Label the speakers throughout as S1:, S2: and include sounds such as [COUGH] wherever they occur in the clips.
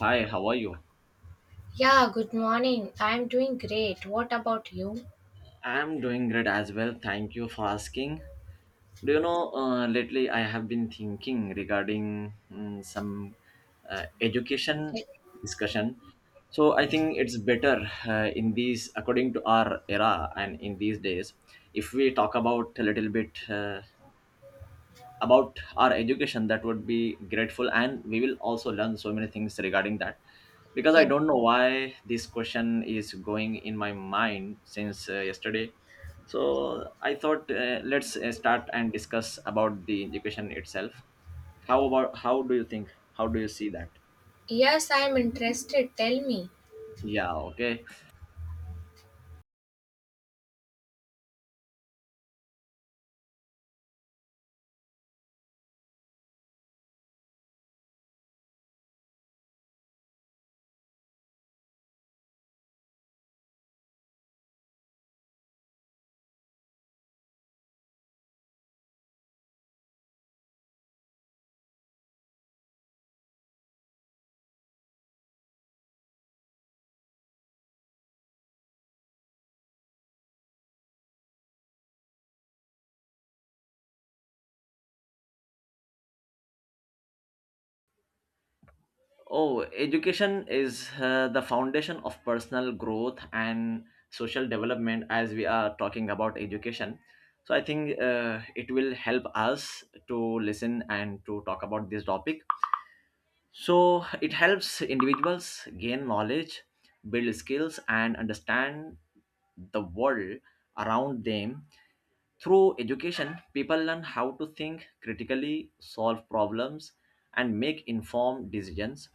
S1: Hi, how are you?
S2: Yeah, good morning. I'm doing great. What about you?
S1: I'm doing great as well. Thank you for asking. Do you know, lately I have been thinking regarding some education
S2: Eh,
S1: discussion. So I think it's better in these, according to our era and in these days, if we talk about a little bit. About our education that would be grateful and we will also learn so many things regarding that because I
S2: yeah.
S1: don't know why this question is going in my mind since yesterday. So I thought let's start and discuss about the education itself. How about, how do you think, how do you see that?
S2: Yes, I'm interested. Tell me.
S1: Yeah, okay. Oh, education is the foundation of personal growth and social development. As we are talking about education, so I think it will help us to listen and to talk about this topic. So it helps individuals gain knowledge, build skills, and understand the world around them. Through education, people learn how to think critically, solve problems, and make informed decisions.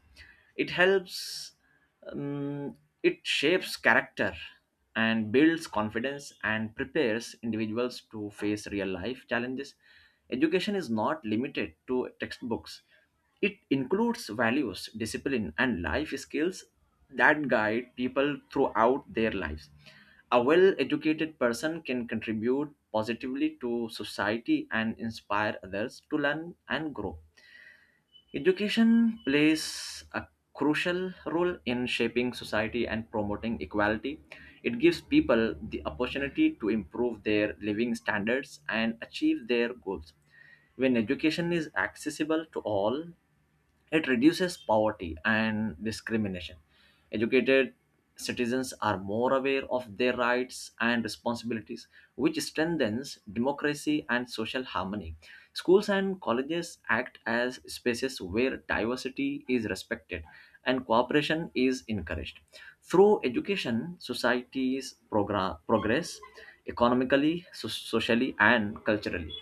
S1: It helps, um, it shapes character and builds confidence and prepares individuals to face real life challenges. Education is not limited to textbooks, it includes values, discipline, and life skills that guide people throughout their lives. A well educated person can contribute positively to society and inspire others to learn and grow. Education plays a crucial role in shaping society and promoting equality. It gives people the opportunity to improve their living standards and achieve their goals. When education is accessible to all, it reduces poverty and discrimination. Educated citizens are more aware of their rights and responsibilities, which strengthens democracy and social harmony. Schools and colleges act as spaces where diversity is respected and cooperation is encouraged. Through education, societies progress economically, socially, and culturally.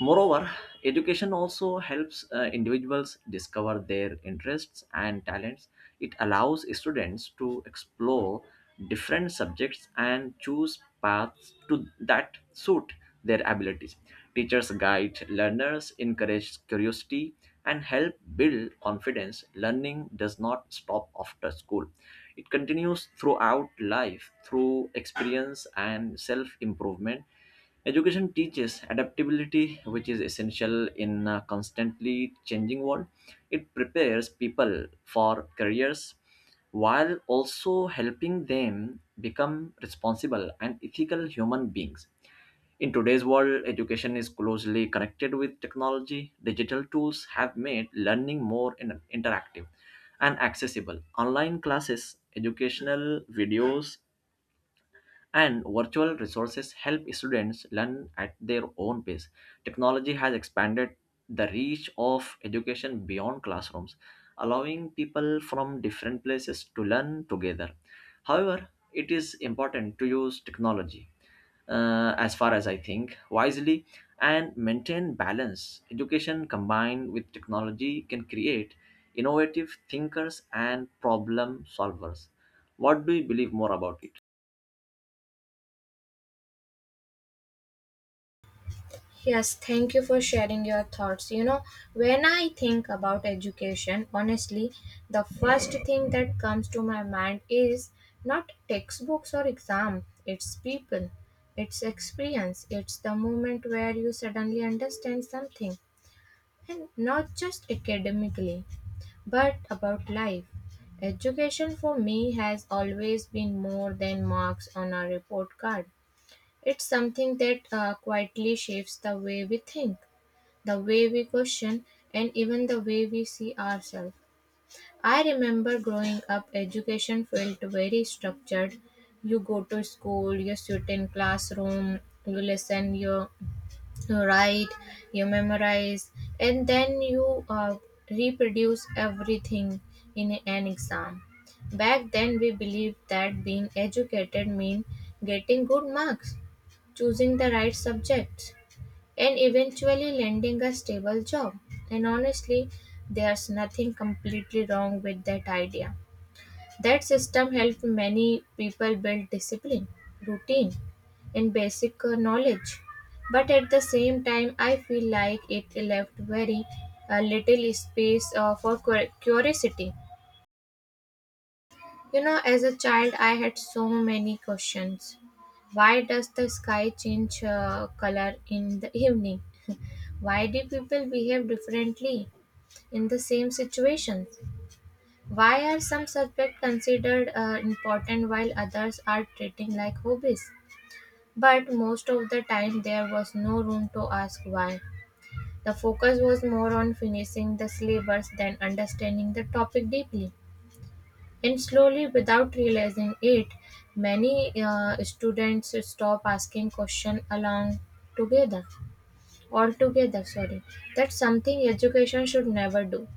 S1: Moreover, education also helps individuals discover their interests and talents. It allows students to explore different subjects and choose paths to that suit their abilities. Teachers guide learners, encourage curiosity, and help build confidence. Learning does not stop after school, it continues throughout life through experience and self improvement. Education teaches adaptability, which is essential in a constantly changing world. It prepares people for careers while also helping them become responsible and ethical human beings. In today's world, education is closely connected with technology. Digital tools have made learning more interactive and accessible. Online classes, educational videos, and virtual resources help students learn at their own pace. Technology has expanded the reach of education beyond classrooms, allowing people from different places to learn together. However, it is important to use technology as far as I think, wisely and maintain balance. Education combined with technology can create innovative thinkers and problem solvers. What do you believe more about it?
S2: Yes, thank you for sharing your thoughts. When I think about education, honestly, the first thing that comes to my mind is not textbooks or exam, it's people, it's experience, it's the moment where you suddenly understand something, and not just academically. But about life, education for me has always been more than marks on a report card. It's something that quietly shapes the way we think, the way we question, and even the way we see ourselves. I remember growing up, education felt very structured. You go to school, you sit in classroom, you listen, you write, you memorize, and then you reproduce everything in an exam. Back then, we believed that being educated meant getting good marks, choosing the right subjects, and eventually landing a stable job. And honestly, there's nothing completely wrong with that idea. That system helped many people build discipline, routine, and basic knowledge. But at the same time, I feel like it left very little space for curiosity. You know, as a child, I had so many questions. Why does the sky change color in the evening? Why do people behave differently in the same situation? Why are some subjects considered important while others are treating like hobbies? But most of the time, there was no room to ask why. The focus was more on finishing the syllabus than understanding the topic deeply. And slowly, without realizing it, many students stop asking questions along together altogether, sorry. That's something education should never do,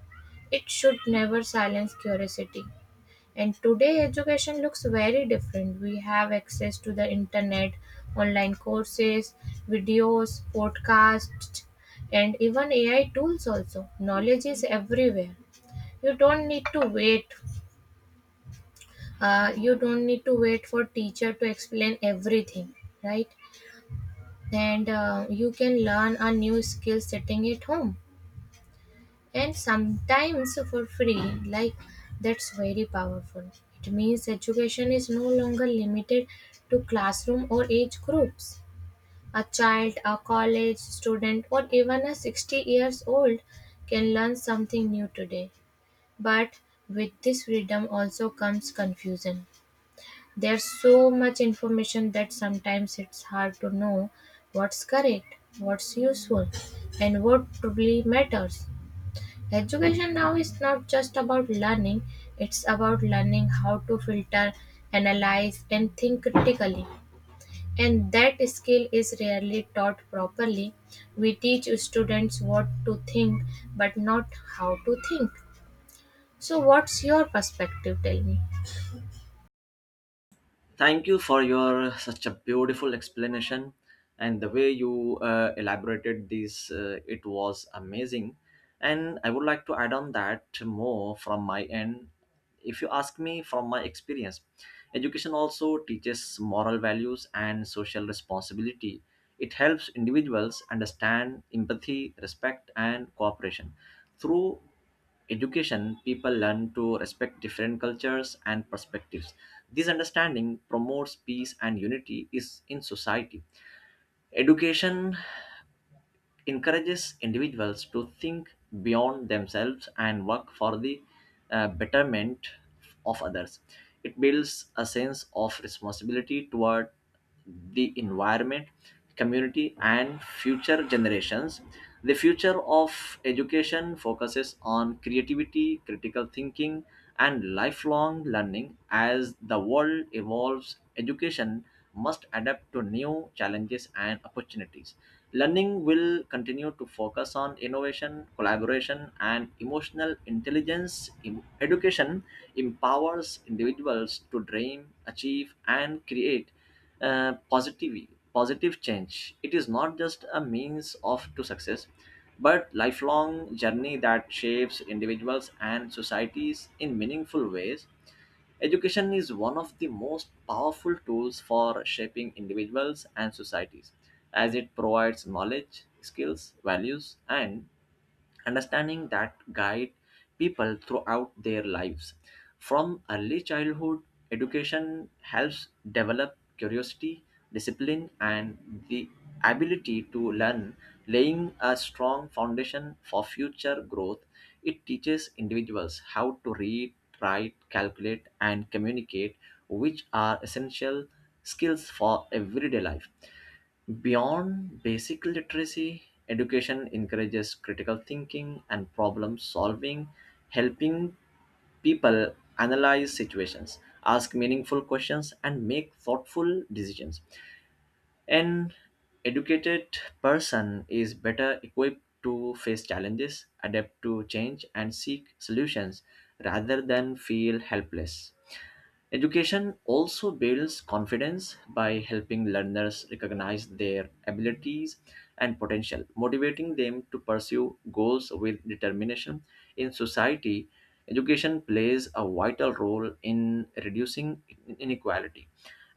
S2: it should never silence curiosity. And today education looks very different. We have access to the internet, online courses, videos, podcasts, and even AI tools also. Knowledge is everywhere. You don't need to wait. You don't need to wait for teacher to explain everything, right? And you can learn a new skill sitting at home, and sometimes for free. Like, that's very powerful. It means education is no longer limited to classroom or age groups. A child, a college student, or even a 60 years old can learn something new today. But with this freedom also comes confusion. There's so much information that sometimes it's hard to know what's correct, what's useful, and what truly matters. Education now is not just about learning, it's about learning how to filter, analyze, and think critically. And that skill is rarely taught properly. We teach students what to think, but not how to think. So, what's your perspective? Tell me.
S1: Thank you for your such a beautiful explanation and the way you elaborated this. It was amazing, and I would like to add on that more from my end. If you ask me from my experience, education also teaches moral values and social responsibility. It helps individuals understand empathy, respect, and cooperation. Through education, people learn to respect different cultures and perspectives. This understanding promotes peace and unity is in society. Education encourages individuals to think beyond themselves and work for the betterment of others. It builds a sense of responsibility toward the environment, community, and future generations. The future of education focuses on creativity, critical thinking, and lifelong learning. As the world evolves, education must adapt to new challenges and opportunities. Learning will continue to focus on innovation, collaboration, and emotional intelligence. Education empowers individuals to dream, achieve, and create uh, positive positive change. It is not just a means of to success, but lifelong journey that shapes individuals and societies in meaningful ways. Education is one of the most powerful tools for shaping individuals and societies, as it provides knowledge, skills, values, and understanding that guide people throughout their lives. From early childhood, education helps develop curiosity, discipline, and the ability to learn, laying a strong foundation for future growth. It teaches individuals how to read, write, calculate, and communicate, which are essential skills for everyday life. Beyond basic literacy, education encourages critical thinking and problem solving, helping people analyze situations, ask meaningful questions, and make thoughtful decisions. An educated person is better equipped to face challenges, adapt to change, and seek solutions rather than feel helpless. Education also builds confidence by helping learners recognize their abilities and potential, motivating them to pursue goals with determination. In society, education plays a vital role in reducing inequality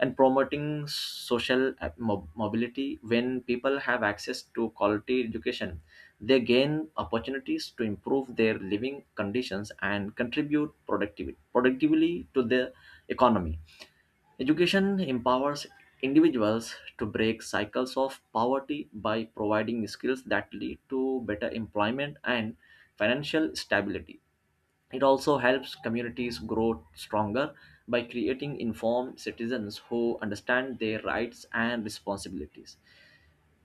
S1: and promoting social mobility. When people have access to quality education, they gain opportunities to improve their living conditions and contribute productivity, productively to the economy. Education empowers individuals to break cycles of poverty by providing skills that lead to better employment and financial stability. It also helps communities grow stronger by creating informed citizens who understand their rights and responsibilities.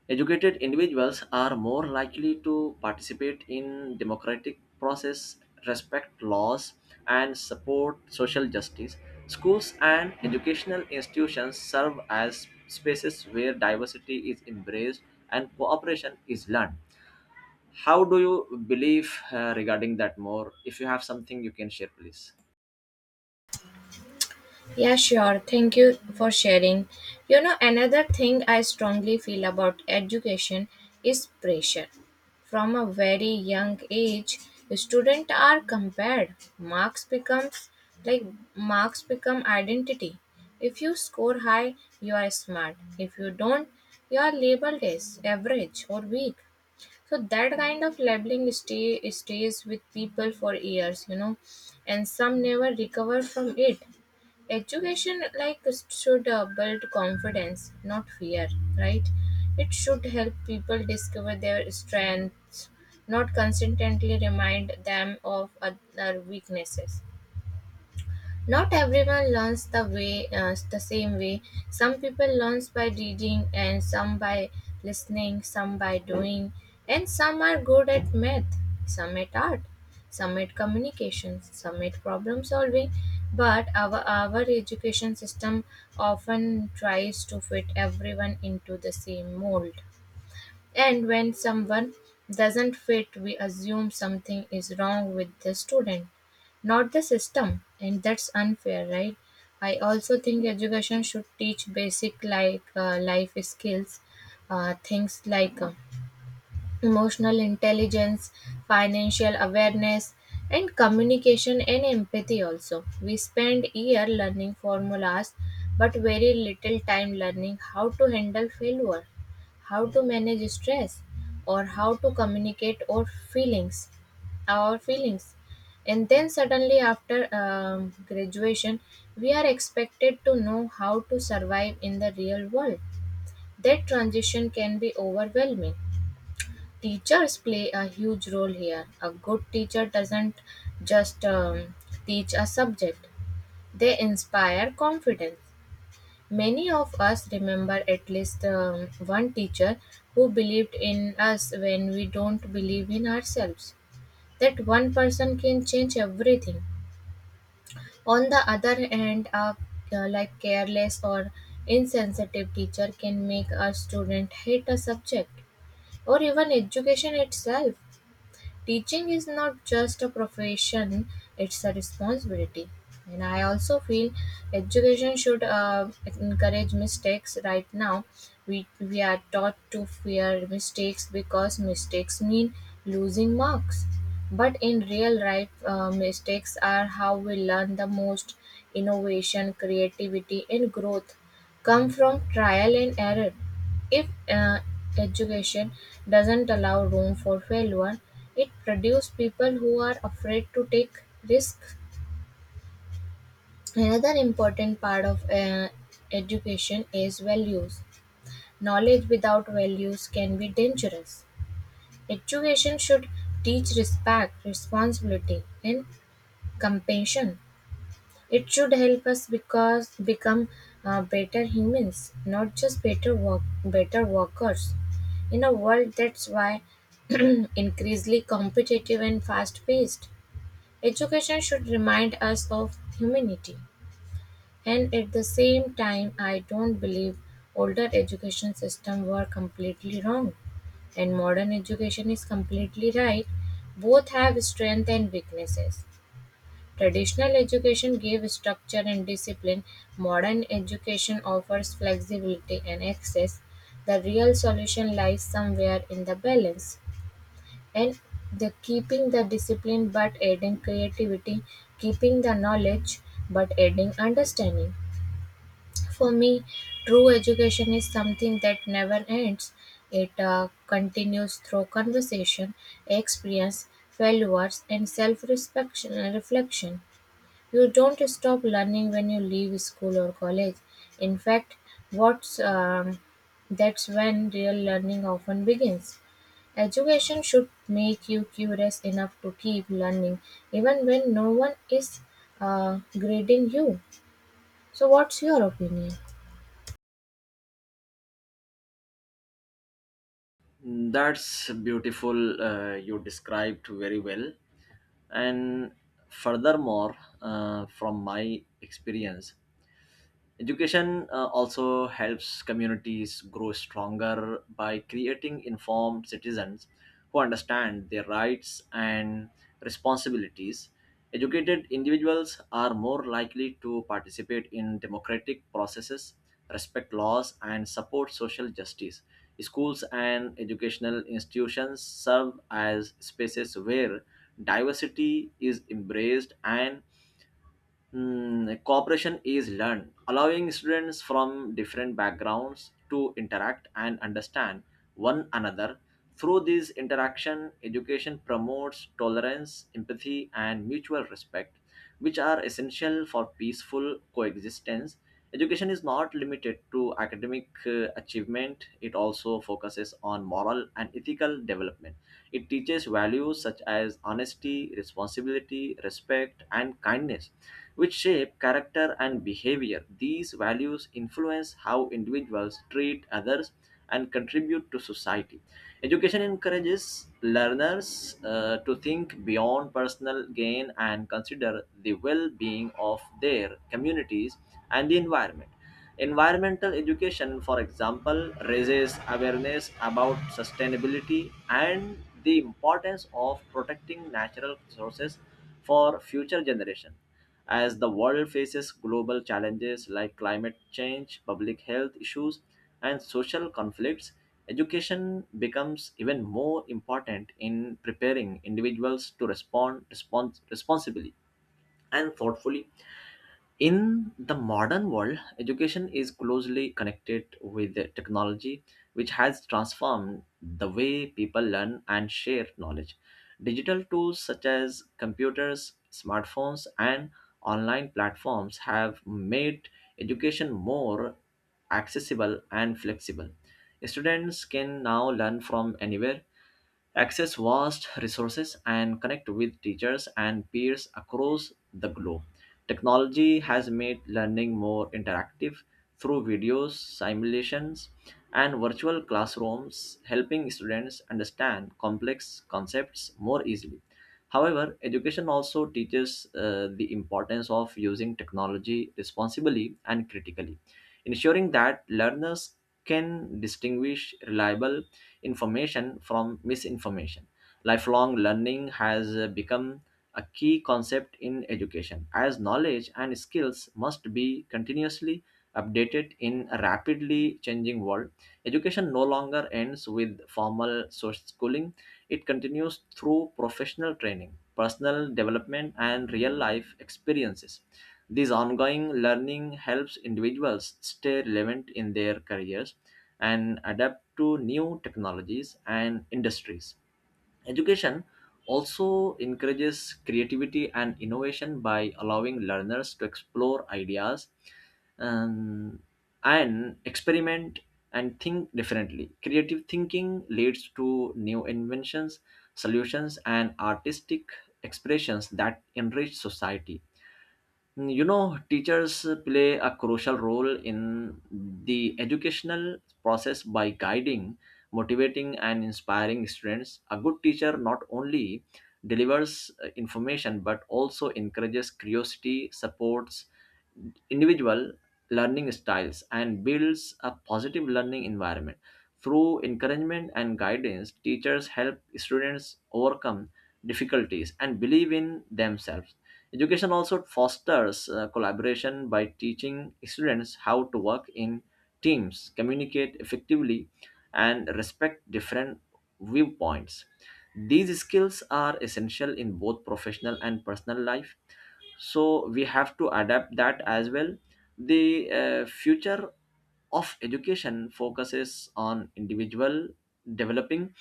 S1: Educated individuals are more likely to participate in democratic process, respect laws, and support social justice. Schools and educational institutions serve as spaces where diversity is embraced and cooperation is learned. How do you believe regarding that more? If you have something you can share, please.
S2: Yeah, sure. Thank you for sharing. You know, another thing I strongly feel about education is pressure. From a very young age, students are compared. Like Marks become identity. If you score high, you are smart. If you don't, you are labeled as average or weak. So that kind of labeling stays with people for years, you know, and some never recover from it. Education, like, should build confidence, not fear, right? It should help people discover their strengths, not constantly remind them of other weaknesses. Not everyone learns the same way. Some people learns by reading and some by listening, some by doing, and some are good at math, some at art, some at communications, some at problem solving. But our education system often tries to fit everyone into the same mold. And when someone doesn't fit, we assume something is wrong with the student, not the system. And that's unfair, right? I also think education should teach basic like life skills, things like emotional intelligence, financial awareness, and communication and empathy also. We spend year learning formulas but very little time learning how to handle failure, how to manage stress, or how to communicate our feelings, our feelings. And then suddenly after graduation, we are expected to know how to survive in the real world. That transition can be overwhelming. Teachers play a huge role here. A good teacher doesn't just teach a subject, they inspire confidence. Many of us remember at least one teacher who believed in us when we don't believe in ourselves. That one person can change everything. On the other hand, a like careless or insensitive teacher can make a student hate a subject or even education itself. Teaching is not just a profession, it's a responsibility. And I also feel education should encourage mistakes. Right now, we are taught to fear mistakes because mistakes mean losing marks. But in real life, mistakes are how we learn the most. Innovation, creativity, and growth come from trial and error. If education doesn't allow room for failure, it produces people who are afraid to take risks. Another important part of education is values. Knowledge without values can be dangerous. Education should teach respect, responsibility, and compassion. It should help us because become better humans, not just better workers. In a world that's why [CLEARS THROAT] increasingly competitive and fast-paced, education should remind us of humanity. And at the same time, I don't believe older education system were completely wrong and modern education is completely right. Both have strength and weaknesses. Traditional education gave structure and discipline; modern education offers flexibility and access. The real solution lies somewhere in the balance and the keeping the discipline but adding creativity, keeping the knowledge but adding understanding. For me, true education is something that never ends. It continues through conversation, experience, failures, and self reflection. You don't stop learning when you leave school or college. In fact, what's that's when real learning often begins. Education should make you curious enough to keep learning, even when no one is grading you. So, what's your opinion?
S1: That's beautiful. You described very well. And furthermore, from my experience, education also helps communities grow stronger by creating informed citizens who understand their rights and responsibilities. Educated individuals are more likely to participate in democratic processes, respect laws, and support social justice. Schools and educational institutions serve as spaces where diversity is embraced and, cooperation is learned, allowing students from different backgrounds to interact and understand one another. Through this interaction, education promotes tolerance, empathy, and mutual respect, which are essential for peaceful coexistence. Education is not limited to academic achievement, it also focuses on moral and ethical development. It teaches values such as honesty, responsibility, respect, and kindness, which shape character and behavior. These values influence how individuals treat others and contribute to society. Education encourages learners to think beyond personal gain and consider the well being of their communities and the environment. Environmental education, for example, raises awareness about sustainability and the importance of protecting natural resources for future generations. As the world faces global challenges like climate change, public health issues, and social conflicts, education becomes even more important in preparing individuals to respond responsibly and thoughtfully. In the modern world, education is closely connected with technology, which has transformed the way people learn and share knowledge. Digital tools such as computers, smartphones, and online platforms have made education more accessible and flexible. Students can now learn from anywhere, access vast resources and connect with teachers and peers across the globe. Technology has made learning more interactive through videos, simulations, and virtual classrooms, helping students understand complex concepts more easily. However, education also teaches the importance of using technology responsibly and critically, ensuring that learners can distinguish reliable information from misinformation. Lifelong learning has become a key concept in education, as knowledge and skills must be continuously updated in a rapidly changing world. Education no longer ends with formal social schooling, it continues through professional training, personal development, and real life experiences. This ongoing learning helps individuals stay relevant in their careers and adapt to new technologies and industries. Education also encourages creativity and innovation by allowing learners to explore ideas, um, and experiment and think differently. Creative thinking leads to new inventions, solutions, and artistic expressions that enrich society. You know, teachers play a crucial role in the educational process by guiding, motivating and inspiring students. A good teacher not only delivers information but also encourages curiosity, supports individual learning styles and builds a positive learning environment. Through encouragement and guidance, teachers help students overcome difficulties and believe in themselves. Education also fosters collaboration by teaching students how to work in teams, communicate effectively, and respect different viewpoints. These skills are essential in both professional and personal life, so we have to adapt that as well. The future of education focuses on individual developing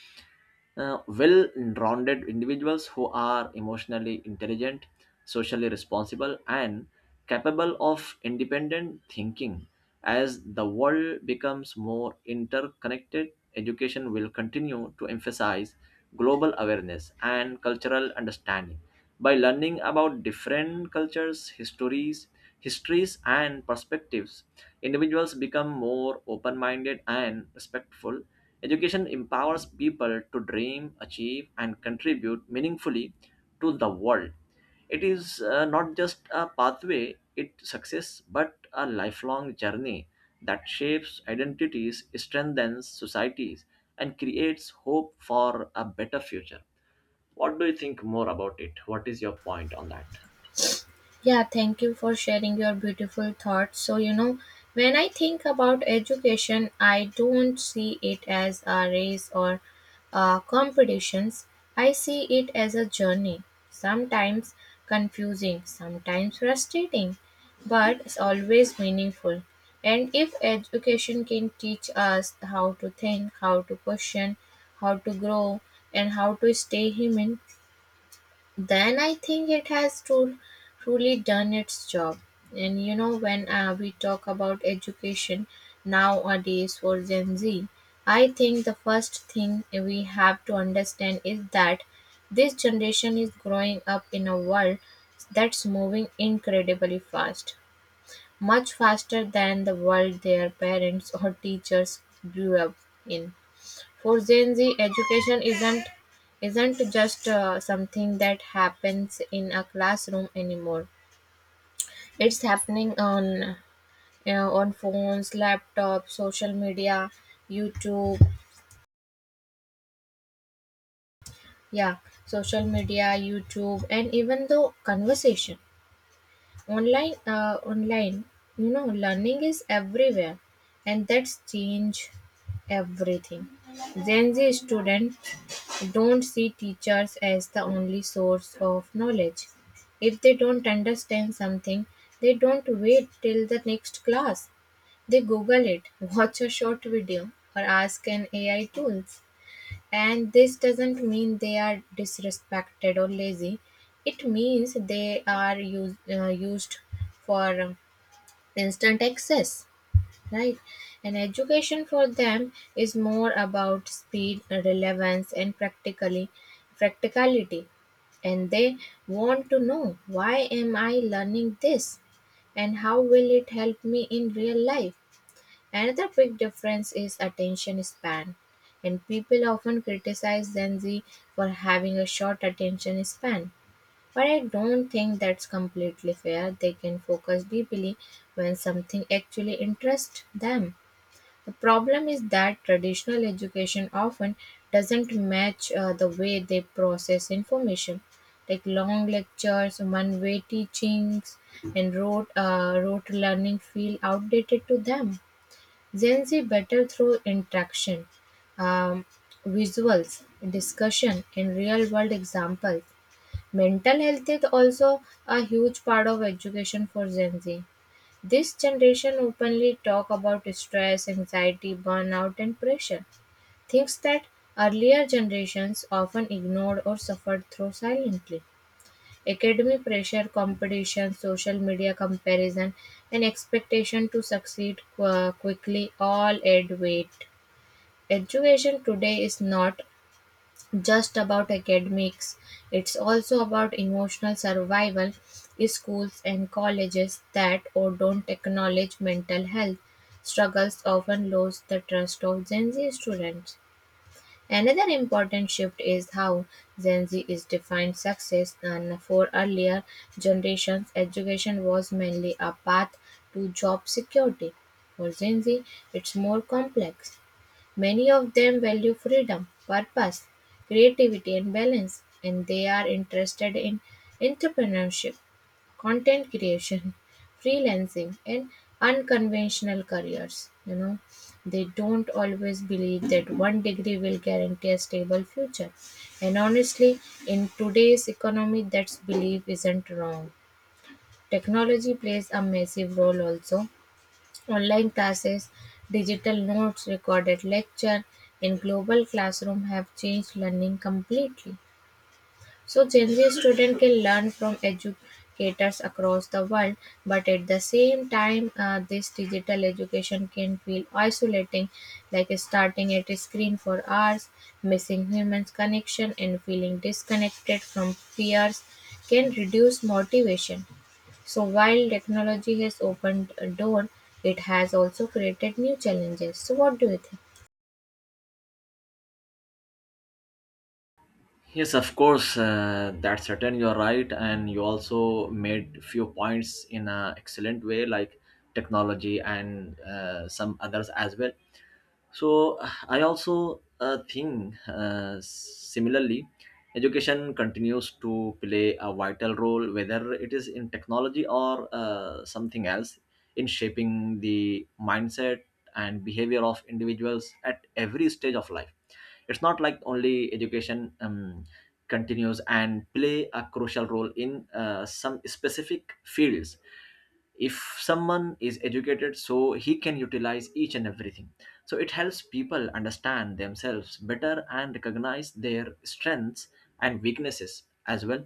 S1: well-rounded individuals who are emotionally intelligent, socially responsible, and capable of independent thinking. As the world becomes more interconnected, education will continue to emphasize global awareness and cultural understanding. By learning about different cultures, histories, and perspectives, individuals become more open-minded and respectful. Education empowers people to dream, achieve and contribute meaningfully to the world. It is not just a pathway, it success but a lifelong journey that shapes identities, strengthens societies and creates hope for a better future. What do you think more about it? What is your point on that?
S2: Yeah, thank you for sharing your beautiful thoughts. So, you know, when I think about education, I don't see it as a race or competitions. I see it as a journey, sometimes confusing, sometimes frustrating, but it's always meaningful. And if education can teach us how to think, how to question, how to grow, and how to stay human, then I think it has to truly done its job. And you know, when we talk about education nowadays for Gen Z, I think the first thing we have to understand is that this generation is growing up in a world that's moving incredibly fast, much faster than the world their parents or teachers grew up in. For Gen Z, education isn't just something that happens in a classroom anymore. It's happening on phones, laptops, social media, YouTube. Yeah, social media, YouTube, and even the conversation online. Online, you know, learning is everywhere, and that's change everything. Gen Z student don't see teachers as the only source of knowledge. If they don't understand something, they don't wait till the next class. They Google it, watch a short video, or ask an AI tools. And this doesn't mean they are disrespected or lazy. It means they are used for instant access, right? And education for them is more about speed, relevance, and practically practicality. And they want to know why am I learning this, and how will it help me in real life. Another big difference is attention span. And people often criticize Gen Z for having a short attention span. But I don't think that's completely fair. They can focus deeply when something actually interests them. The problem is that traditional education often doesn't match the way they process information, like long lectures, one-way teachings, and rote learning feel outdated to them. Gen Z better through interaction, um, visuals, discussion, and real-world examples. Mental health is also a huge part of education for Gen Z. This generation openly talk about stress, anxiety, burnout and pressure, things that earlier generations often ignored or suffered through silently. Academic pressure, competition, social media comparison and expectation to succeed quickly all add weight. Education today is not just about academics. It's also about emotional survival. Schools and colleges that or don't acknowledge mental health struggles often lose the trust of Gen Z students. Another important shift is how Gen Z is defined success, and for earlier generations education was mainly a path to job security. For Gen Z, it's more complex. Many of them value freedom, purpose, creativity and balance, and they are interested in entrepreneurship, content creation, freelancing and unconventional careers. You know, they don't always believe that one degree will guarantee a stable future. And honestly, in today's economy, that belief isn't wrong. Technology plays a massive role also. Online classes, digital notes, recorded lecture and global classroom have changed learning completely. So Gen Z student can learn from educators across the world, but at the same time, this digital education can feel isolating, like starting at a screen for hours, missing human connection, and feeling disconnected from peers can reduce motivation. So while technology has opened a door, it has also created new challenges. So what do you think?
S1: Yes, of course, that's certain, you're right, and you also made few points in an excellent way, like technology and some others as well. So I also think similarly, education continues to play a vital role, whether it is in technology or something else, in shaping the mindset and behavior of individuals at every stage of life. It's not like only education continues and play a crucial role in some specific fields. If someone is educated, so he can utilize each and everything. So it helps people understand themselves better and recognize their strengths and weaknesses as well.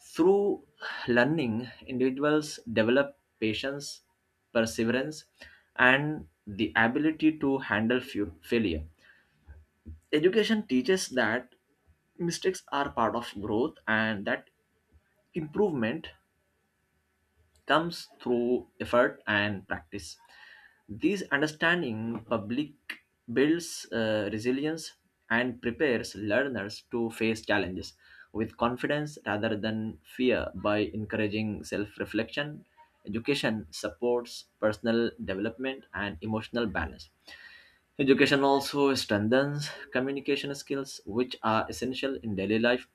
S1: Through learning, individuals develop patience, perseverance and the ability to handle failure. Education teaches that mistakes are part of growth and that improvement comes through effort and practice. This understanding public builds resilience and prepares learners to face challenges with confidence rather than fear by encouraging self-reflection. Education supports personal development and emotional balance. Education also strengthens communication skills, which are essential in daily life.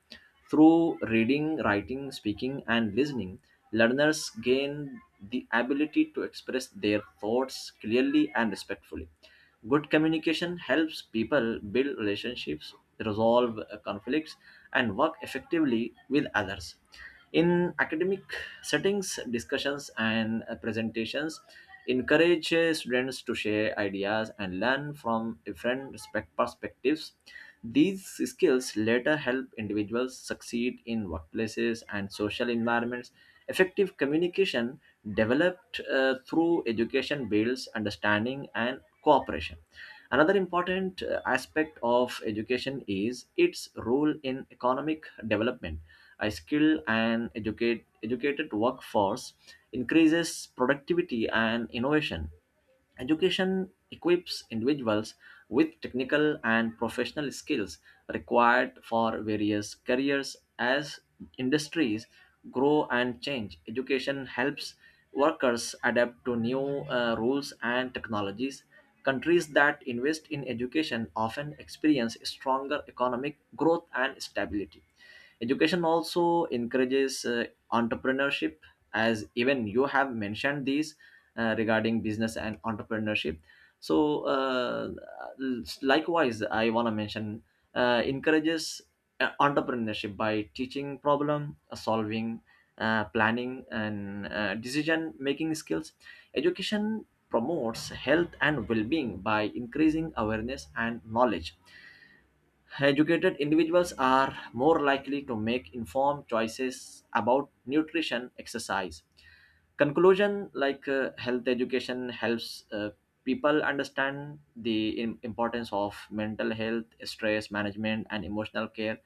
S1: Through reading, writing, speaking, and listening, learners gain the ability to express their thoughts clearly and respectfully. Good communication helps people build relationships, resolve conflicts, and work effectively with others. In academic settings, discussions and presentations encourage students to share ideas and learn from different respect perspectives. These skills later help individuals succeed in workplaces and social environments. Effective communication developed through education builds understanding and cooperation. Another important aspect of education is its role in economic development. A skilled and educated workforce increases productivity and innovation. Education equips individuals with technical and professional skills required for various careers. As industries grow and change, education helps workers adapt to new rules and technologies. Countries that invest in education often experience stronger economic growth and stability. Education also encourages entrepreneurship, as even you have mentioned these regarding business and entrepreneurship. So, likewise, I want to mention encourages entrepreneurship by teaching problem solving, planning, and decision making skills. Education promotes health and well being by increasing awareness and knowledge. Educated individuals are more likely to make informed choices about nutrition, exercise, conclusion like health education helps people understand the importance of mental health, stress management and emotional care.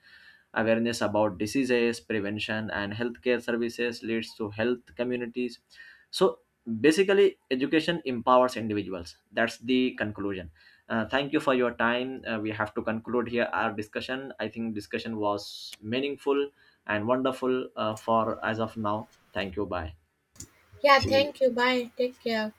S1: Awareness about diseases prevention and healthcare services leads to health communities. So basically, education empowers individuals, that's the conclusion. Thank you for your time. We have to conclude here our discussion. I think discussion was meaningful and wonderful, for as of now. Thank you, bye.
S2: Yeah,
S1: See you.
S2: thank you. Bye. Take care.